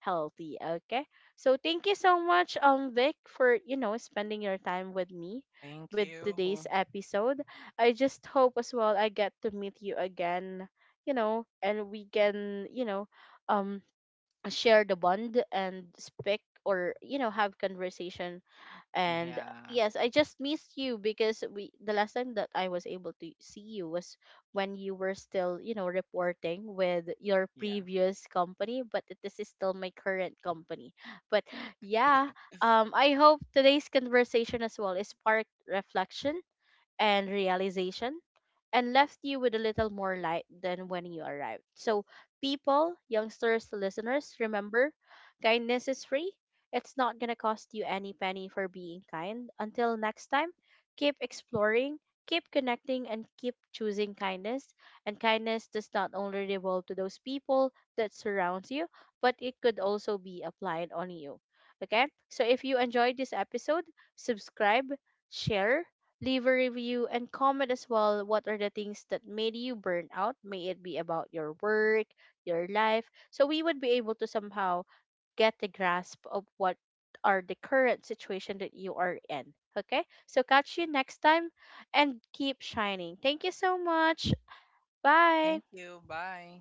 healthy. Okay? So thank you so much, Vic, for, you know, spending your time with me
Thank
with
you.
today's episode. I just hope as well I get to meet you again, you know, and we can, you know, um share the bond and speak, or, you know, have conversation. And
Yeah.
yes, I just missed you because we the last time that I was able to see you was when you were still, you know, reporting with your
Yeah.
previous company, but this is still my current company but yeah. Um, I hope today's conversation as well is sparked reflection and realization, and left you with a little more light than when you arrived. So, people, youngsters, listeners, remember, kindness is free. It's not going to cost you any penny for being kind. Until next time, keep exploring, keep connecting, and keep choosing kindness. And kindness does not only revolve to those people that surrounds you, but it could also be applied on you. Okay? So, if you enjoyed this episode, subscribe, share, leave a review and comment as well. What are the things that made you burn out? May it be about your work, your life. So we would be able to somehow get the grasp of what are the current situation that you are in. Okay? So catch you next time and keep shining. Thank you so much.
Thank
Bye.
you. Bye.